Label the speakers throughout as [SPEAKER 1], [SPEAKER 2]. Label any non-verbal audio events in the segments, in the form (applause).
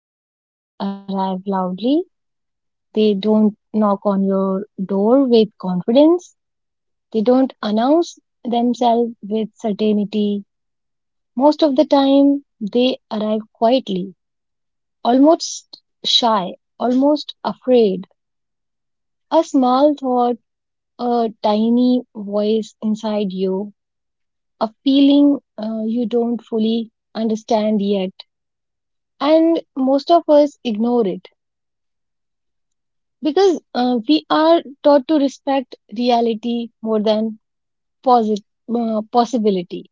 [SPEAKER 1] dreams don't arrive loudly? They don't knock on your door with confidence. They don't announce themselves with certainty. Most of the time, they arrive quietly, almost shy, almost afraid. A small thought, a tiny voice inside you, a feeling you don't fully understand yet, and most of us ignore it because we are taught to respect reality more than posit- possibility.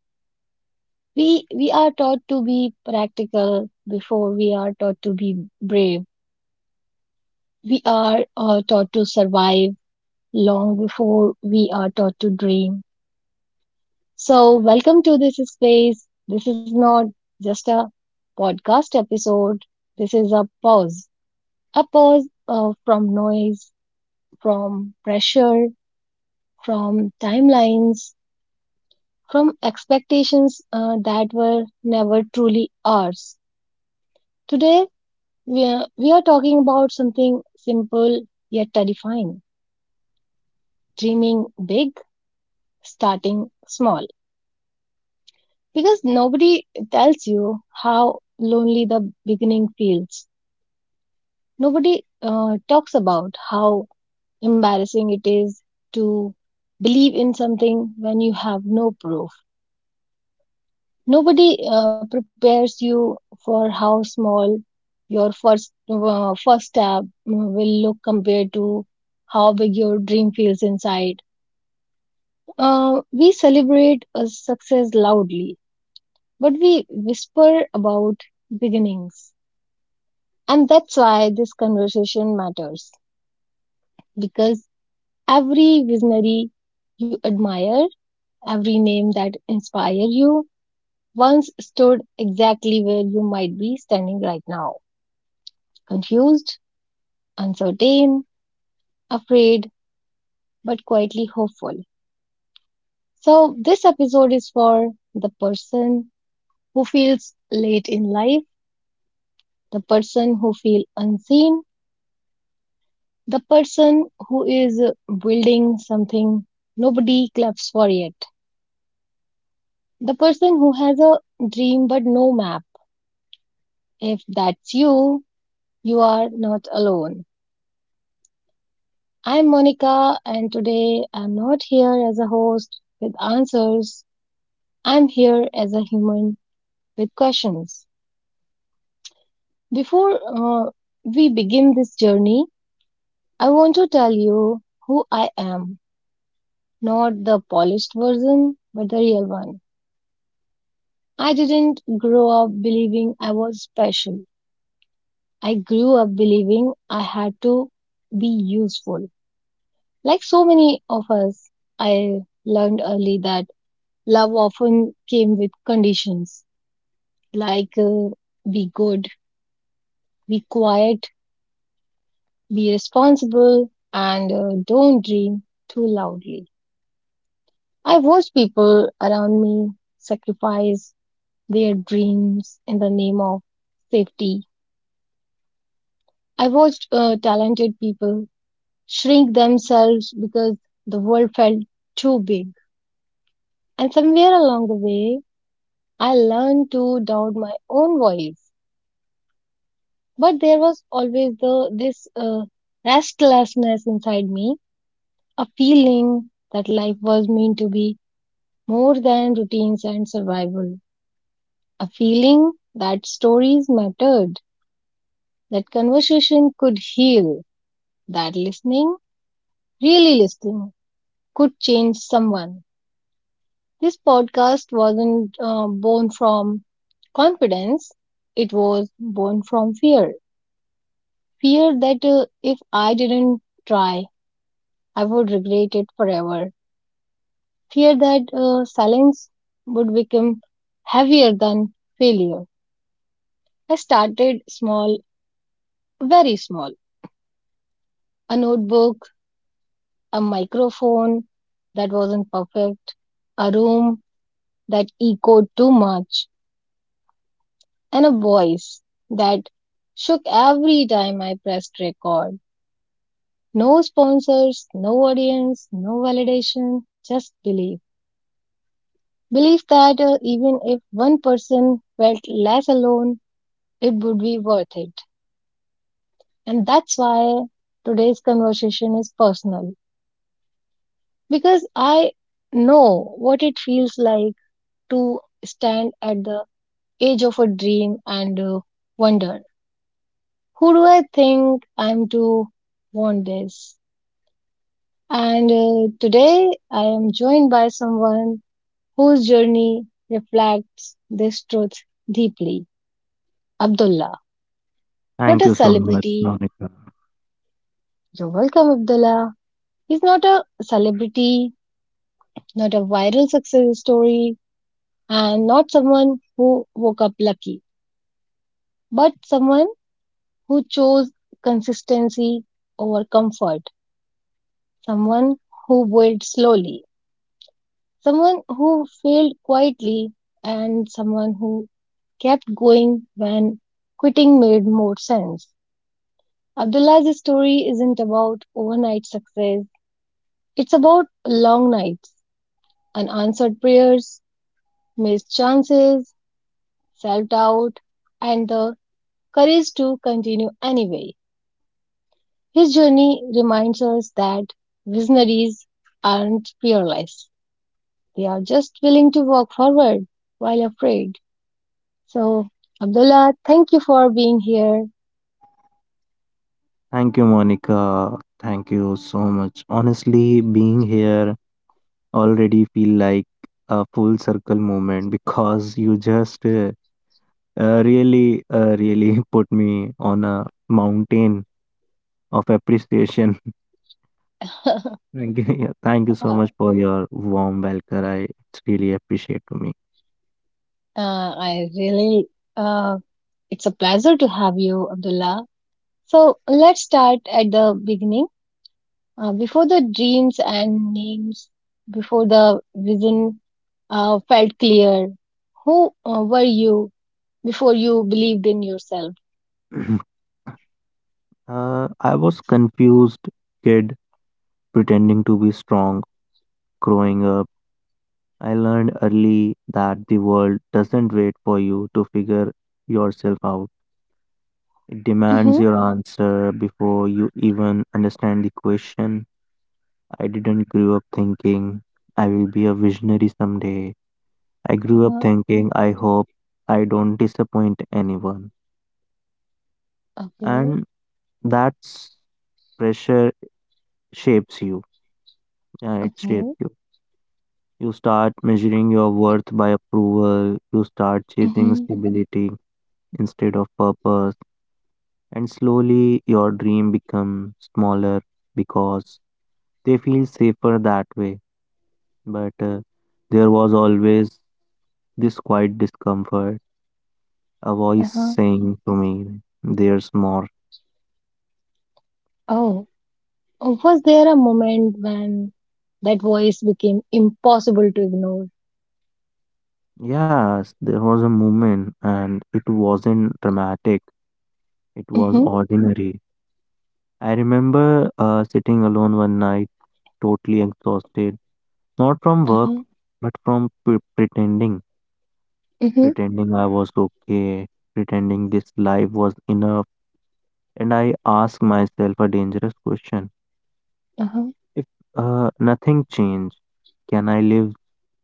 [SPEAKER 1] We are taught to be practical before we are taught to be brave. We are taught to survive long before we are taught to dream. So welcome to this space. This is not just a podcast episode. This is a pause, a pause from noise, from pressure, from timelines, from expectations that were never truly ours. Today, we are talking about something simple yet terrifying: dreaming big, starting small. Because nobody tells you how lonely the beginning feels. Nobody talks about how embarrassing it is to believe in something when you have no proof. Nobody prepares you for how small your first step will look compared to how big your dream feels inside. We celebrate a success loudly, but we whisper about beginnings. And that's why this conversation matters, because every visionary you admire, every name that inspire you, once stood exactly where you might be standing right now. Confused, uncertain, afraid, but quietly hopeful. So, this episode is for the person who feels late in life, the person who feels unseen, the person who is building something nobody claps for yet, the person who has a dream but no map. If that's you, you are not alone. I'm Monica, and today I'm not here as a host with answers. I'm here as a human with questions. Before uh, we begin this journey, I want to tell you who I am. Not the polished version, but the real one. I didn't grow up believing I was special. I grew up believing I had to be useful. Like so many of us, I learned early that love often came with conditions, like be good, be quiet, be responsible, and don't dream too loudly. I watched people around me sacrifice their dreams in the name of safety. I watched talented people shrink themselves because the world felt too big. And somewhere along the way, I learned to doubt my own voice. But there was always the this restlessness inside me, a feeling that life was meant to be more than routines and survival. A feeling that stories mattered, that conversation could heal, that listening, really listening, could change someone. This podcast wasn't born from confidence, it was born from fear. Fear that if I didn't try, I would regret it forever. Fear that silence would become heavier than failure. I started small. Very small. A notebook, a microphone that wasn't perfect, a room that echoed too much, and a voice that shook every time I pressed record. No sponsors, no audience, no validation, just belief. Belief that even if one person felt less alone, it would be worth it. And that's why today's conversation is personal, because I know what it feels like to stand at the edge of a dream and wonder, who do I think I'm to want this? And today I am joined by someone whose journey reflects this truth deeply. Abdullah, not
[SPEAKER 2] Thank
[SPEAKER 1] a
[SPEAKER 2] you so much,
[SPEAKER 1] celebrity.
[SPEAKER 2] Monica.
[SPEAKER 1] You're welcome, Abdullah. He's not a celebrity, not a viral success story, and not someone who woke up lucky, but someone who chose consistency over comfort, someone who built slowly, someone who failed quietly, and someone who kept going when quitting made more sense. Abdullah's story isn't about overnight success, it's about long nights, unanswered prayers, missed chances, self doubt, and the courage to continue anyway. His journey reminds us that visionaries aren't fearless. They are just willing to walk forward while afraid. So, Abdullah, thank you for being here.
[SPEAKER 2] Thank you, Monica. Thank you so much. Honestly, being here already feel like a full circle moment (laughs) because you just really (laughs) put me on a mountain of appreciation. (laughs)
[SPEAKER 1] (laughs)
[SPEAKER 2] Thank you. Yeah, thank you so much for your warm welcome. I it's really appreciate to me.
[SPEAKER 1] I really, uh, it's a pleasure to have you, Abdullah. So let's start at the beginning. Before the dreams and names, before the vision felt clear, who were you before you believed in yourself?
[SPEAKER 2] (clears throat) I was confused kid pretending to be strong growing up. I learned early that the world doesn't wait for you to figure yourself out. It demands
[SPEAKER 1] Mm-hmm.
[SPEAKER 2] your answer before you even understand the question. I didn't grow up thinking I will be a visionary someday. I grew up
[SPEAKER 1] Uh-huh,
[SPEAKER 2] thinking I hope I don't disappoint anyone.
[SPEAKER 1] okay,
[SPEAKER 2] And that's pressure shapes you. Yeah, it shapes
[SPEAKER 1] okay.
[SPEAKER 2] you. You start measuring your worth by approval. You start chasing
[SPEAKER 1] Mm-hmm,
[SPEAKER 2] stability instead of purpose, and slowly your dream become smaller because they feel safer that way, but there was always this quiet discomfort, a voice
[SPEAKER 1] uh-huh.
[SPEAKER 2] saying to me there's more.
[SPEAKER 1] Oh, oh, was there a moment when that voice became impossible to ignore?
[SPEAKER 2] Yes, there was a moment, and it wasn't dramatic, it was
[SPEAKER 1] Mm-hmm,
[SPEAKER 2] ordinary. I remember sitting alone one night, totally exhausted, not from work
[SPEAKER 1] uh-huh,
[SPEAKER 2] but from pretending,
[SPEAKER 1] mm-hmm,
[SPEAKER 2] pretending I was okay, pretending this life was enough. And I ask myself a dangerous question.
[SPEAKER 1] uh-huh.
[SPEAKER 2] If nothing changed, can I live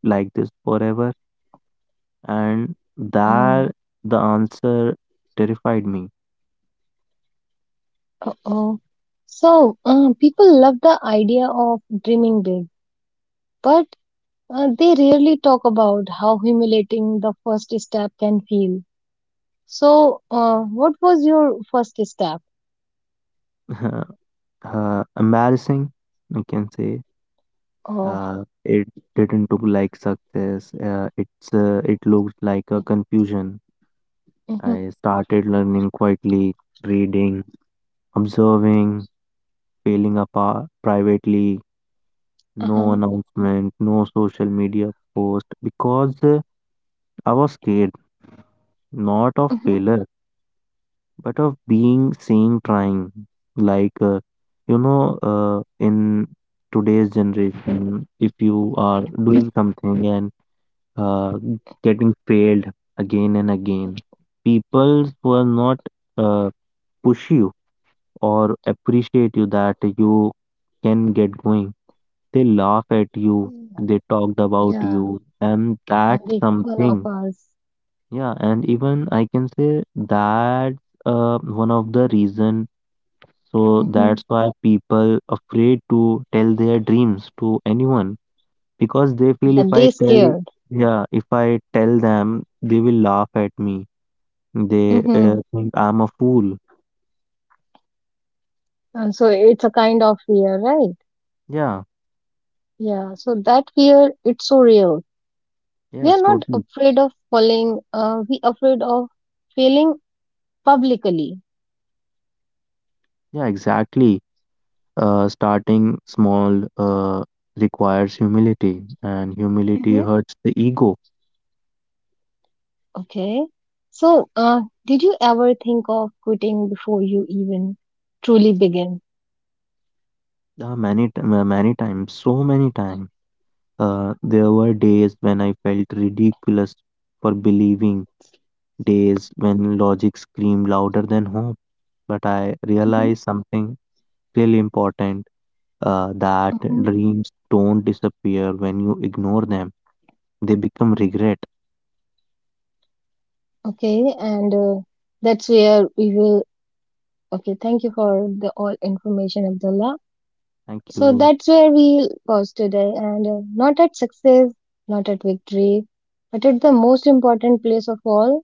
[SPEAKER 2] like this forever? And
[SPEAKER 1] Oh,
[SPEAKER 2] that the answer terrified me.
[SPEAKER 1] oh, oh. So, people love the idea of dreaming big, but they rarely talk about how humiliating the first step can feel. So, what was your first step?
[SPEAKER 2] (laughs) Embarrassing, I can say.
[SPEAKER 1] Oh,
[SPEAKER 2] It didn't look like success. It looked like a confusion.
[SPEAKER 1] mm-hmm,
[SPEAKER 2] I started learning quietly, reading, observing, failing apart privately. No
[SPEAKER 1] uh-huh,
[SPEAKER 2] announcement, no social media post, because I was scared, not of
[SPEAKER 1] mm-hmm.
[SPEAKER 2] failure but of being seen trying. Like, in today's generation, if you are doing something and uh, getting failed again and again, people will not uh, push you or appreciate you that you can get going. They laugh at you,
[SPEAKER 1] Yeah.
[SPEAKER 2] they talked about
[SPEAKER 1] Yeah.
[SPEAKER 2] you, and
[SPEAKER 1] Yeah,
[SPEAKER 2] that's
[SPEAKER 1] the one of
[SPEAKER 2] something.
[SPEAKER 1] us.
[SPEAKER 2] Yeah, and even I can say that's one of the reason. So
[SPEAKER 1] Hmm.
[SPEAKER 2] that's why people afraid to tell their dreams to anyone because they feel
[SPEAKER 1] Yeah,
[SPEAKER 2] if
[SPEAKER 1] they
[SPEAKER 2] I tell,
[SPEAKER 1] scared.
[SPEAKER 2] yeah, if I tell them, they will laugh at me. They
[SPEAKER 1] Mm-hmm.
[SPEAKER 2] think I'm a fool.
[SPEAKER 1] And so it's a kind of fear, right?
[SPEAKER 2] Yeah,
[SPEAKER 1] Yeah. So that fear, it's so real. We are
[SPEAKER 2] yes,
[SPEAKER 1] not
[SPEAKER 2] totally.
[SPEAKER 1] afraid of falling. We afraid of failing publicly.
[SPEAKER 2] Yeah, exactly. Starting small requires humility, and humility
[SPEAKER 1] Mm-hmm.
[SPEAKER 2] hurts the ego.
[SPEAKER 1] Okay. So, did you ever think of quitting before you even truly begin?
[SPEAKER 2] Many times, so many times, there were days when I felt ridiculous for believing, days when logic screamed louder than hope. But I
[SPEAKER 1] Mm-hmm.
[SPEAKER 2] realized something really important, that
[SPEAKER 1] Mm-hmm.
[SPEAKER 2] dreams don't disappear when you ignore them; they become regret.
[SPEAKER 1] Okay, and that's where we will. Okay, thank you for the all information, Abdullah.
[SPEAKER 2] Thank
[SPEAKER 1] So
[SPEAKER 2] you.
[SPEAKER 1] that's where we'll pause today and not at success, not at victory, but at the most important place of all: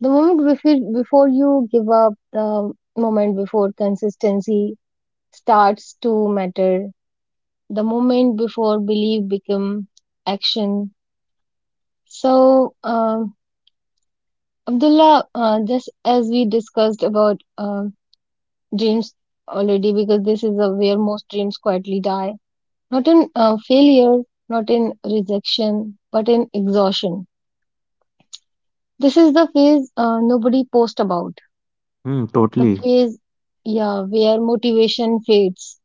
[SPEAKER 1] the moment before, before you give up, the moment before consistency starts to matter, the moment before belief become action. So, Abdullah, just as we discussed about dreams already, because this is where most dreams quietly die, not in failure, not in rejection, but in exhaustion. This is the phase nobody posts about.
[SPEAKER 2] Hmm,
[SPEAKER 1] The
[SPEAKER 2] totally,
[SPEAKER 1] phase, yeah, where motivation fades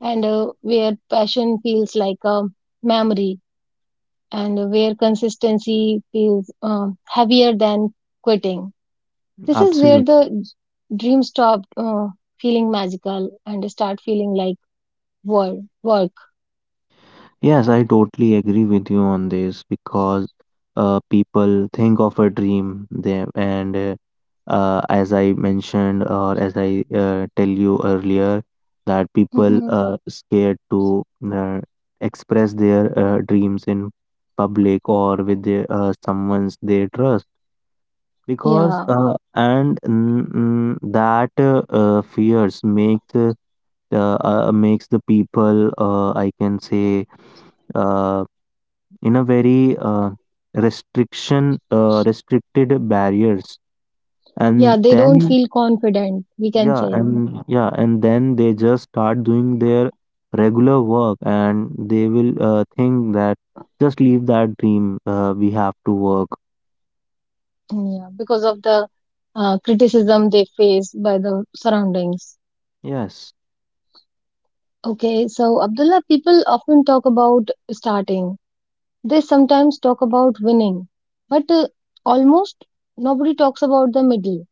[SPEAKER 1] and where passion feels like a memory and where consistency feels heavier than quitting. This is where
[SPEAKER 2] absolutely.
[SPEAKER 1] the dream stopped feeling magical and start feeling like work. Work.
[SPEAKER 2] Yes, I totally agree with you on this, because people think of a dream there and as I mentioned, or as I tell you earlier, that people
[SPEAKER 1] Hmm.
[SPEAKER 2] are scared to uh, express their dreams in public or with their, someone's they trust, because
[SPEAKER 1] Yeah,
[SPEAKER 2] and mm, mm, that fears makes makes the people, I can say, uh, in a very restriction restricted barriers,
[SPEAKER 1] yeah,
[SPEAKER 2] and
[SPEAKER 1] they don't
[SPEAKER 2] then
[SPEAKER 1] feel confident, we can
[SPEAKER 2] yeah,
[SPEAKER 1] say.
[SPEAKER 2] and yeah, and then they just start doing their regular work, and they will think that just leave that dream, we have to work.
[SPEAKER 1] Yeah, because of the criticism they face by the surroundings.
[SPEAKER 2] Yes.
[SPEAKER 1] Okay, so Abdullah, people often talk about starting. They sometimes talk about winning, but almost nobody talks about the middle.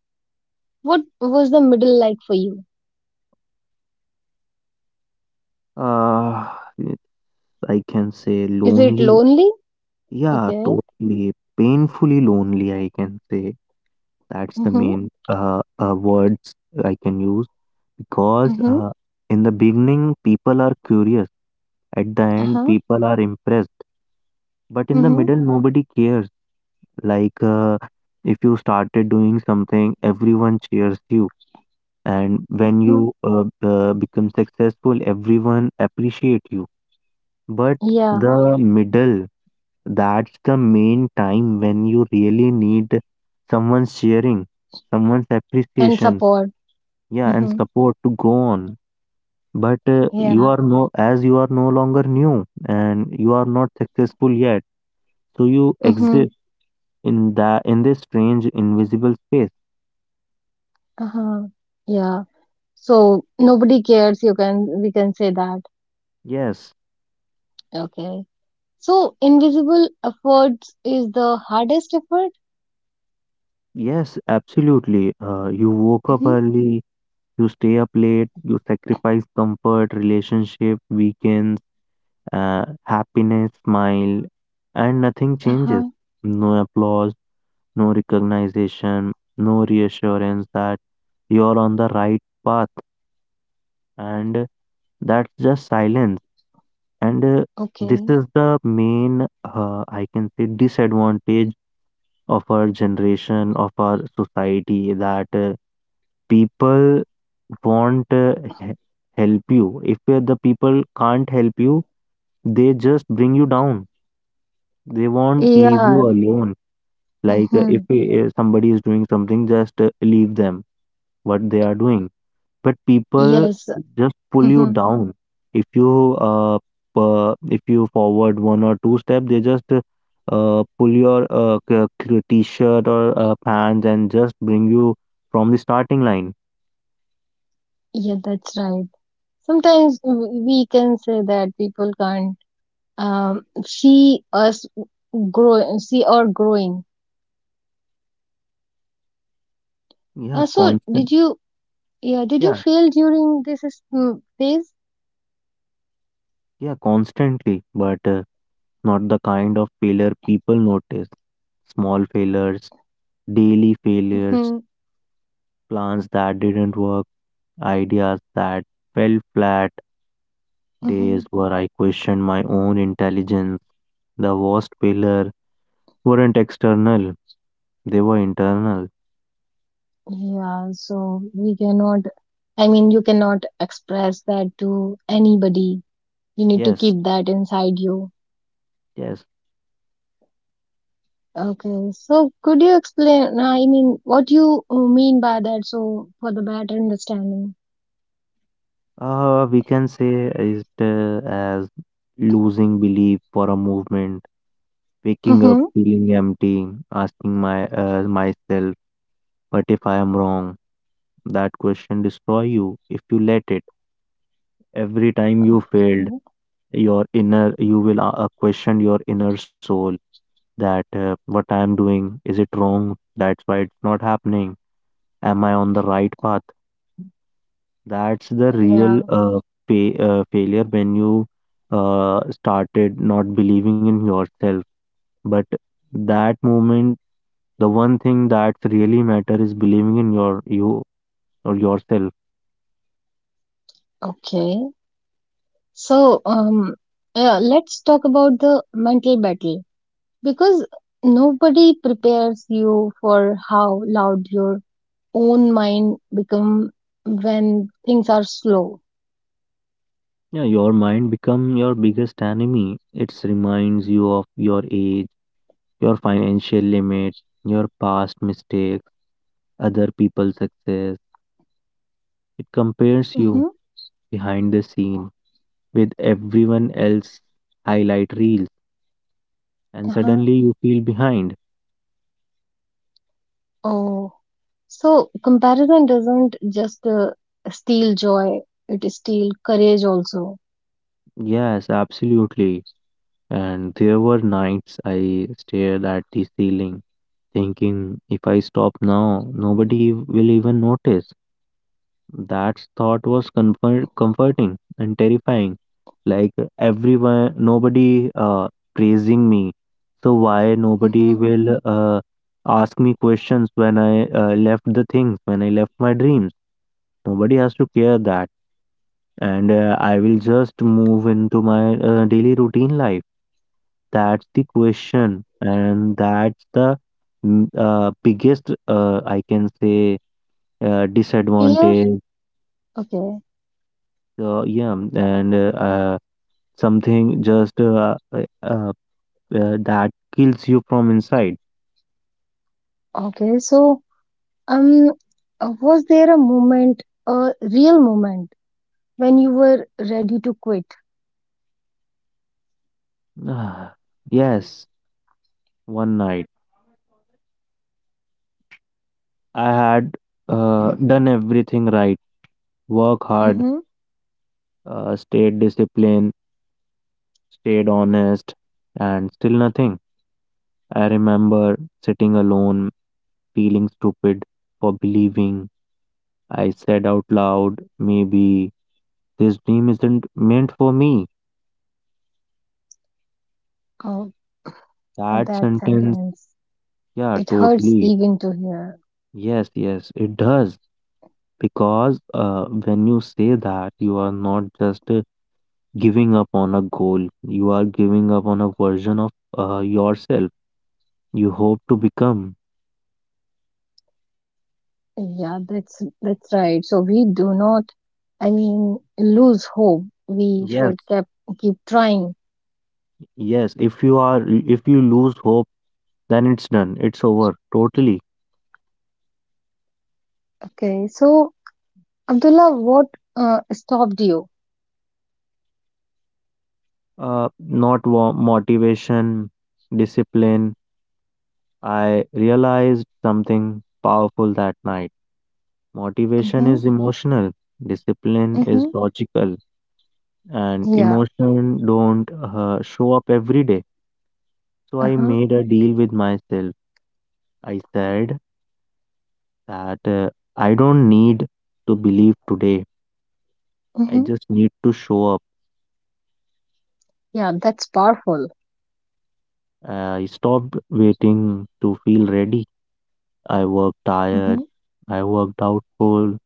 [SPEAKER 1] What was the middle like for you?
[SPEAKER 2] uh I can say
[SPEAKER 1] Is it
[SPEAKER 2] lonely.
[SPEAKER 1] lonely?
[SPEAKER 2] Yeah,
[SPEAKER 1] Okay.
[SPEAKER 2] totally. Painfully lonely, I can say. That's the
[SPEAKER 1] Mm-hmm.
[SPEAKER 2] main words I can use, because
[SPEAKER 1] Mm-hmm.
[SPEAKER 2] uh, in the beginning, people are curious. At the end,
[SPEAKER 1] Uh-huh.
[SPEAKER 2] people are impressed. But in the
[SPEAKER 1] Mm-hmm.
[SPEAKER 2] middle, nobody cares. Like, if you started doing something, everyone cheers you. And when
[SPEAKER 1] Mm-hmm.
[SPEAKER 2] you become successful, everyone appreciate you. But
[SPEAKER 1] Yeah.
[SPEAKER 2] the middle, that's the main time when you really need someone's cheering, someone's
[SPEAKER 1] And
[SPEAKER 2] appreciation,
[SPEAKER 1] support.
[SPEAKER 2] yeah, and
[SPEAKER 1] Mm-hmm.
[SPEAKER 2] support to go on. But you
[SPEAKER 1] Yeah.
[SPEAKER 2] are no, as you are no longer new and you are not successful yet, so you
[SPEAKER 1] Mm-hmm.
[SPEAKER 2] exist in the in this strange invisible space.
[SPEAKER 1] Uh-huh. Yeah. So nobody cares. You can we can say that.
[SPEAKER 2] Yes,
[SPEAKER 1] Okay. So invisible efforts is the hardest effort?
[SPEAKER 2] yes, absolutely. You woke up
[SPEAKER 1] Hmm.
[SPEAKER 2] early, you stay up late, you sacrifice comfort, relationship, weekends, happiness, smile, and nothing changes.
[SPEAKER 1] Uh-huh.
[SPEAKER 2] No applause, no recognition, no reassurance that you're on the right path, and that's just silence. And this
[SPEAKER 1] Okay.
[SPEAKER 2] is the main, I can say, disadvantage of our generation, of our society, that people won't help you. If the people can't help you, they just bring you down, they won't leave
[SPEAKER 1] Yeah.
[SPEAKER 2] you alone. Like, uh,
[SPEAKER 1] Mm-hmm.
[SPEAKER 2] if uh, somebody is doing something, just leave them what they are doing. But people
[SPEAKER 1] Yes.
[SPEAKER 2] just pull you
[SPEAKER 1] Mm-hmm.
[SPEAKER 2] down. If you uh, if you forward one or two step, they just pull your t-shirt or pants and just bring you from the starting line.
[SPEAKER 1] Yeah, that's right. Sometimes we can say that people can't see us grow, see our growing.
[SPEAKER 2] Yeah,
[SPEAKER 1] So
[SPEAKER 2] constant.
[SPEAKER 1] did you, yeah, did you
[SPEAKER 2] Yeah,
[SPEAKER 1] fail during this phase?
[SPEAKER 2] yeah, constantly. But not the kind of failure people notice. Small failures, daily failures,
[SPEAKER 1] Hmm.
[SPEAKER 2] plans that didn't work, ideas that fell flat, days
[SPEAKER 1] Mm-hmm.
[SPEAKER 2] where I questioned my own intelligence. The worst failure weren't external, they were internal.
[SPEAKER 1] Yeah, so we cannot, I mean, you cannot express that to anybody. You need to
[SPEAKER 2] Yes,
[SPEAKER 1] keep that inside you.
[SPEAKER 2] yes.
[SPEAKER 1] Okay, so could you explain? I mean, what you mean by that? So for the better understanding.
[SPEAKER 2] We can say it as losing belief for a movement, waking up
[SPEAKER 1] Mm-hmm.
[SPEAKER 2] feeling empty, asking my myself, "What if I am wrong?" That question destroy you if you let it. Every time you failed,
[SPEAKER 1] Okay.
[SPEAKER 2] your inner you will question your inner soul, that what I am doing, is it wrong, that's why it's not happening, am I on the right path? That's the real
[SPEAKER 1] Yeah.
[SPEAKER 2] failure, when you started not believing in yourself, but that moment, the one thing that really matter is believing in your you or yourself.
[SPEAKER 1] Okay. So, yeah, let's talk about the mental battle because nobody prepares you for how loud your own mind become when things are slow.
[SPEAKER 2] Yeah, your mind become your biggest enemy. It reminds you of your age, your financial limit, your past mistakes, other people's success. It compares you
[SPEAKER 1] Mm-hmm.
[SPEAKER 2] behind the scene with everyone else highlight reels, and suddenly you feel behind.
[SPEAKER 1] Oh, so comparison doesn't just steal joy, it steal courage also.
[SPEAKER 2] Yes, absolutely. And there were nights I stared at the ceiling thinking if I stop now nobody will even notice. That thought was comforting and terrifying. Like everyone, nobody praising me. So why nobody
[SPEAKER 1] Mhm.
[SPEAKER 2] will ask me questions when I left the things, when I left my dreams? Nobody has to care that. And I will just move into my daily routine life. That's the question, and that's the biggest, I can say,
[SPEAKER 1] Here,
[SPEAKER 2] disadvantage.
[SPEAKER 1] okay,
[SPEAKER 2] So yeah, and something just that kills you from inside.
[SPEAKER 1] okay. So, um, was there a moment, a real moment, when you were ready to quit?
[SPEAKER 2] Ah, yes, one night I had done everything right, work hard,
[SPEAKER 1] Mhm.
[SPEAKER 2] stayed disciplined, stayed honest, and still nothing. I remember sitting alone, feeling stupid for believing. I said out loud, maybe this dream isn't meant for me.
[SPEAKER 1] Oh,
[SPEAKER 2] That
[SPEAKER 1] that
[SPEAKER 2] sentence,
[SPEAKER 1] sentence.
[SPEAKER 2] yeah,
[SPEAKER 1] It hurts
[SPEAKER 2] totally.
[SPEAKER 1] even to hear.
[SPEAKER 2] Yes, yes, it does. Because when you say that, you are not just giving up on a goal, you are giving up on a version of yourself you hope to become.
[SPEAKER 1] Yeah, that's right. So we do not, I mean, lose hope. We
[SPEAKER 2] Yes,
[SPEAKER 1] should keep keep trying.
[SPEAKER 2] yes. If you are, if you lose hope, then it's done. It's over totally.
[SPEAKER 1] Okay, so Abdullah, what stopped you?
[SPEAKER 2] Not motivation, discipline. I realized something powerful that night. Motivation
[SPEAKER 1] Mm-hmm.
[SPEAKER 2] is emotional, discipline is
[SPEAKER 1] Mm-hmm.
[SPEAKER 2] logical, and
[SPEAKER 1] Yeah,
[SPEAKER 2] emotion don't show up every day. So I
[SPEAKER 1] Uh-huh.
[SPEAKER 2] made a deal with myself. I said that I don't need to believe today, I
[SPEAKER 1] Mm-hmm.
[SPEAKER 2] just need to show up.
[SPEAKER 1] Yeah, that's powerful.
[SPEAKER 2] I stopped waiting to feel ready. I worked tired,
[SPEAKER 1] Mm-hmm.
[SPEAKER 2] I worked doubtful,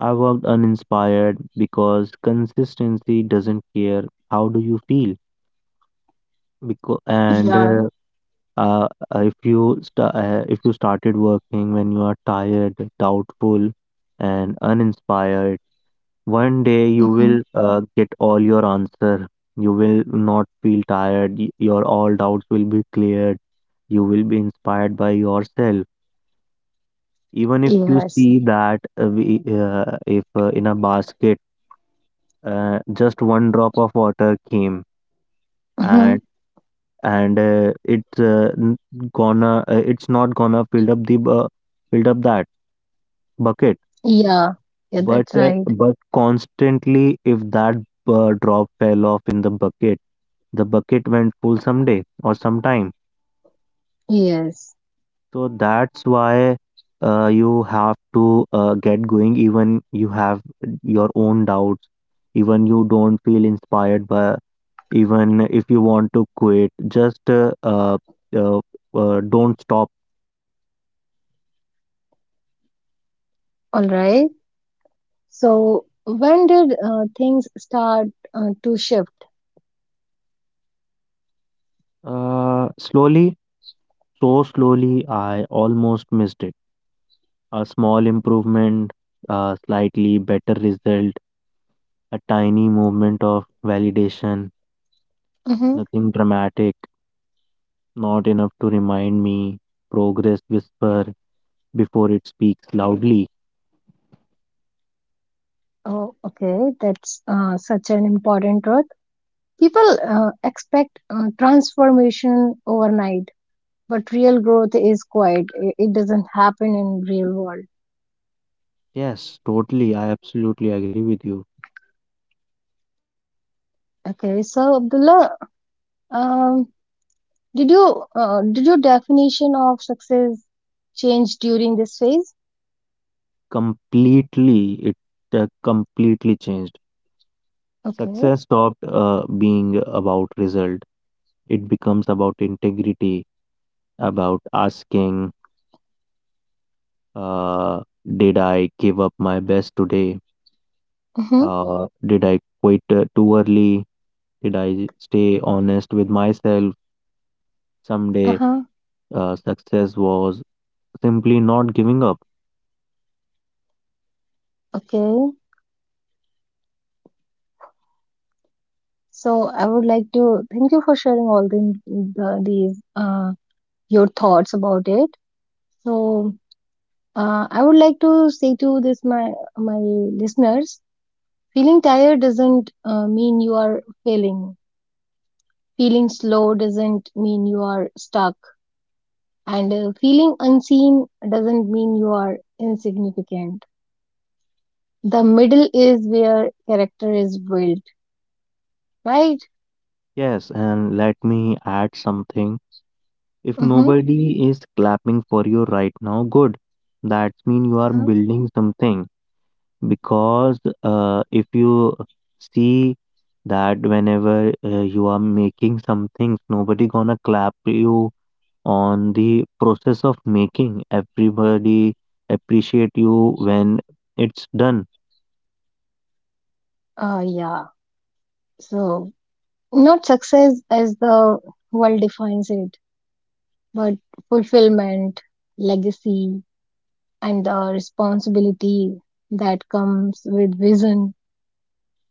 [SPEAKER 2] I worked uninspired, because consistency doesn't care how do you feel, because and
[SPEAKER 1] Yeah,
[SPEAKER 2] Uh, if you sta if you started working when you are tired, doubtful, and uninspired, one day you will
[SPEAKER 1] Mm-hmm.
[SPEAKER 2] get all your answer. You will not feel tired. Your all doubts will be cleared. You will be inspired by yourself. Even if you
[SPEAKER 1] Yes.
[SPEAKER 2] see that we, if in a basket, just one drop of water came,
[SPEAKER 1] Hmm.
[SPEAKER 2] and and uh, it's uh, n- it's not gonna filled up that bucket,
[SPEAKER 1] Yeah, yeah,
[SPEAKER 2] but
[SPEAKER 1] that's
[SPEAKER 2] uh,
[SPEAKER 1] right.
[SPEAKER 2] but constantly if that drop fell off in the bucket, the bucket went full someday or sometime.
[SPEAKER 1] Yes.
[SPEAKER 2] So that's why you have to get going, even you have your own doubts, even you don't feel inspired by, even if you want to quit, just uh, don't stop.
[SPEAKER 1] All right. So, when did things start to shift?
[SPEAKER 2] Uh, slowly, so slowly I almost missed it. A small improvement, a slightly better result, a tiny moment of validation,
[SPEAKER 1] Mm-hmm.
[SPEAKER 2] nothing dramatic, not enough to remind me. Progress whisper before it speaks loudly.
[SPEAKER 1] Oh, okay. That's such an important truth. People expect transformation overnight, but real growth is quiet. It doesn't happen in real world.
[SPEAKER 2] Yes, totally. I absolutely agree with you.
[SPEAKER 1] Okay, so Abdullah, um, did you did your definition of success change during this phase?
[SPEAKER 2] Completely, it completely changed.
[SPEAKER 1] Okay.
[SPEAKER 2] Success stopped being about result, it becomes about integrity, about asking, uh, did I give up my best today?
[SPEAKER 1] Mm-hmm.
[SPEAKER 2] Did I quit too early? Did I stay honest with myself? Someday,
[SPEAKER 1] Uh-huh.
[SPEAKER 2] success was simply not giving up.
[SPEAKER 1] Okay. So I would like to thank you for sharing all the these your thoughts about it. So I would like to say to this my listeners, feeling tired doesn't mean you are failing. Feeling slow doesn't mean you are stuck. And feeling unseen doesn't mean you are insignificant. The middle is where character is built, right?
[SPEAKER 2] Yes, and let me add something. If
[SPEAKER 1] Mm-hmm.
[SPEAKER 2] nobody is clapping for you right now, good. That means you are
[SPEAKER 1] Uh-huh.
[SPEAKER 2] building something. Because if you see that whenever you are making something, nobody gonna clap you on the process of making. Everybody appreciate you when it's done.
[SPEAKER 1] Yeah. So, not success as the world defines it, but fulfillment, legacy, and the responsibility that comes with vision.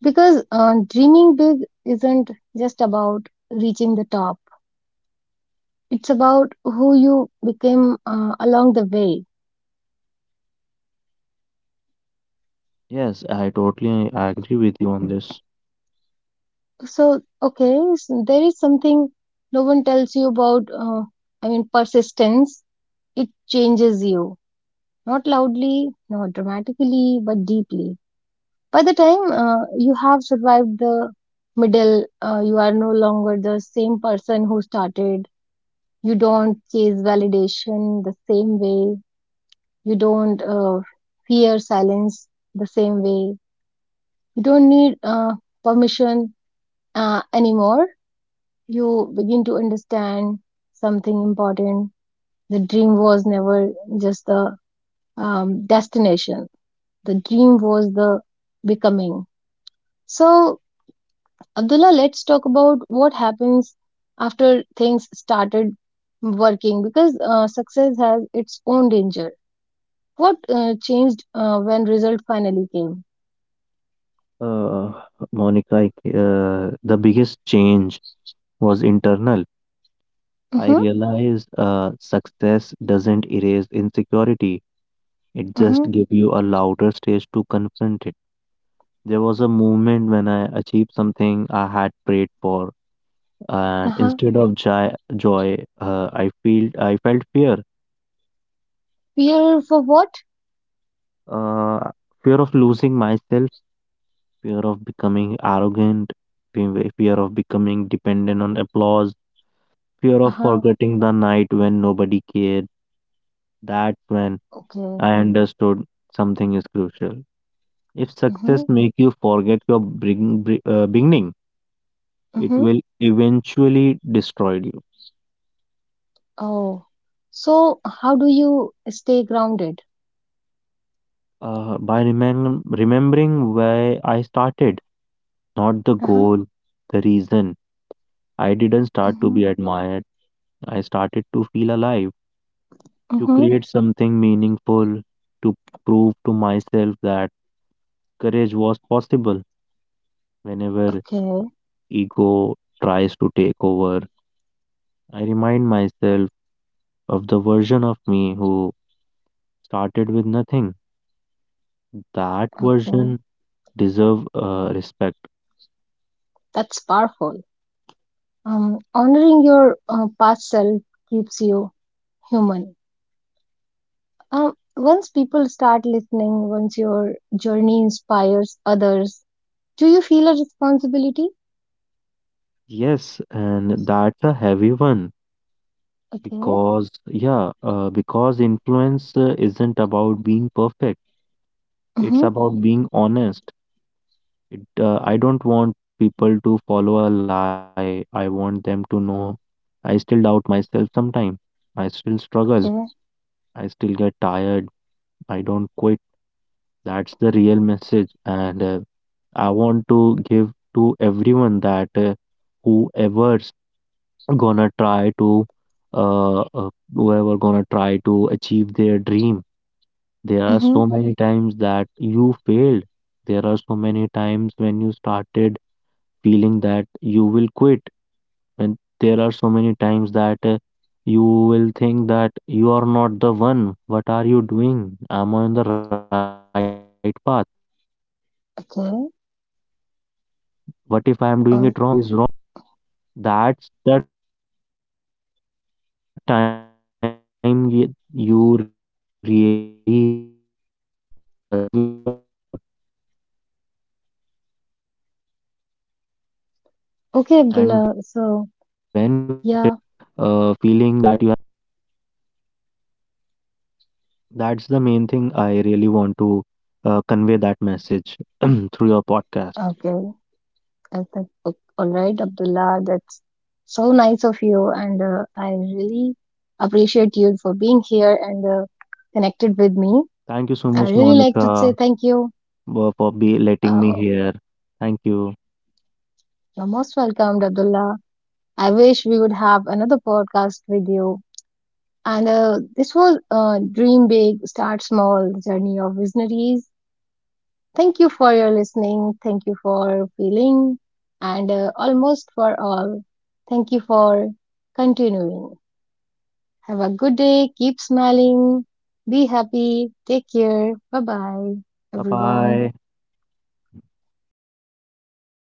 [SPEAKER 1] Because dreaming big isn't just about reaching the top, it's about who you became along the way.
[SPEAKER 2] Yes, I totally agree with you on this.
[SPEAKER 1] So okay, so there is something no one tells you about I mean persistence. It changes you, not loudly, not dramatically, but deeply. By the time you have survived the middle, you are no longer the same person who started. You don't chase validation the same way, you don't fear silence the same way, you don't need permission anymore. You begin to understand something important. The dream was never just the destination, the dream was the becoming. So, Abdullah, let's talk about what happens after things started working, because success has its own danger. What changed when result finally came?
[SPEAKER 2] Uh, Monica, the biggest change was internal. I
[SPEAKER 1] Mm-hmm,
[SPEAKER 2] realized success doesn't erase insecurity. It just
[SPEAKER 1] mm-hmm,
[SPEAKER 2] gives you a louder stage to confront it. There was a moment when I achieved something I had prayed for, and
[SPEAKER 1] uh-huh.
[SPEAKER 2] instead of joy, I felt fear.
[SPEAKER 1] Fear for what?
[SPEAKER 2] Uh, fear of losing myself, fear of becoming arrogant, fear of becoming dependent on applause, fear of
[SPEAKER 1] Uh-huh,
[SPEAKER 2] forgetting the night when nobody cared. That's when
[SPEAKER 1] okay.
[SPEAKER 2] I understood something is crucial. If
[SPEAKER 1] Mm-hmm,
[SPEAKER 2] success make you forget your beginning, it
[SPEAKER 1] mm-hmm.
[SPEAKER 2] will eventually destroy you.
[SPEAKER 1] Oh, so how do you stay grounded?
[SPEAKER 2] By remembering why I started, not the
[SPEAKER 1] Uh-huh.
[SPEAKER 2] goal, the reason. I didn't start to
[SPEAKER 1] Mm-hmm.
[SPEAKER 2] be admired. I started to feel alive, to
[SPEAKER 1] Mm-hmm.
[SPEAKER 2] create something meaningful, to prove to myself that courage was possible. Whenever
[SPEAKER 1] Okay.
[SPEAKER 2] ego tries to take over, I remind myself of the version of me who started with nothing. That
[SPEAKER 1] Okay.
[SPEAKER 2] version deserve respect.
[SPEAKER 1] That's powerful. Honoring your past self keeps you human. Once people start listening, once your journey inspires others, do you feel a responsibility?
[SPEAKER 2] Yes, and that's a heavy one,
[SPEAKER 1] Okay.
[SPEAKER 2] because because influence isn't about being perfect. It's
[SPEAKER 1] Mm-hmm.
[SPEAKER 2] about being honest. I don't want people to follow a lie. I want them to know I still doubt myself sometimes. I still struggle.
[SPEAKER 1] Okay.
[SPEAKER 2] I still get tired. I don't quit. That's the real message. And I want to give to everyone that whoever's gonna try to, uh, uh, whoever gonna try to achieve their dream, there are
[SPEAKER 1] Mm-hmm.
[SPEAKER 2] so many times that you failed. There are so many times when you started feeling that you will quit. And there are so many times that you will think that you are not the one. What are you doing? Am I on the right path? What if I am doing it wrong? What
[SPEAKER 1] Okay.
[SPEAKER 2] if my way is wrong?
[SPEAKER 1] Um,
[SPEAKER 2] That's the time you really need to stick with your soul. And when you started
[SPEAKER 1] okay,
[SPEAKER 2] feeling that you
[SPEAKER 1] Abdullah.
[SPEAKER 2] are,
[SPEAKER 1] So, yeah.
[SPEAKER 2] that's the main thing I really want to convey that message (clears throat) through your podcast.
[SPEAKER 1] Okay. I said, "O- All right, Abdullah, that's so nice of you. And I really appreciate you for being here and connected with me.
[SPEAKER 2] Thank
[SPEAKER 1] I
[SPEAKER 2] you so
[SPEAKER 1] really
[SPEAKER 2] much,
[SPEAKER 1] like to say
[SPEAKER 2] Monica.
[SPEAKER 1] thank you.
[SPEAKER 2] For be letting me
[SPEAKER 1] Uh,
[SPEAKER 2] here. Thank you.
[SPEAKER 1] you're most welcome, Abdullah. I wish we would have another podcast with you. And this was Dream Big, Start Small, the Journey of Visionaries. Thank you for your listening. Thank you for feeling and almost for all. Thank you for continuing. Have a good day. Keep smiling. Be happy. Take care. Bye bye,
[SPEAKER 2] Bye bye.
[SPEAKER 1] everyone.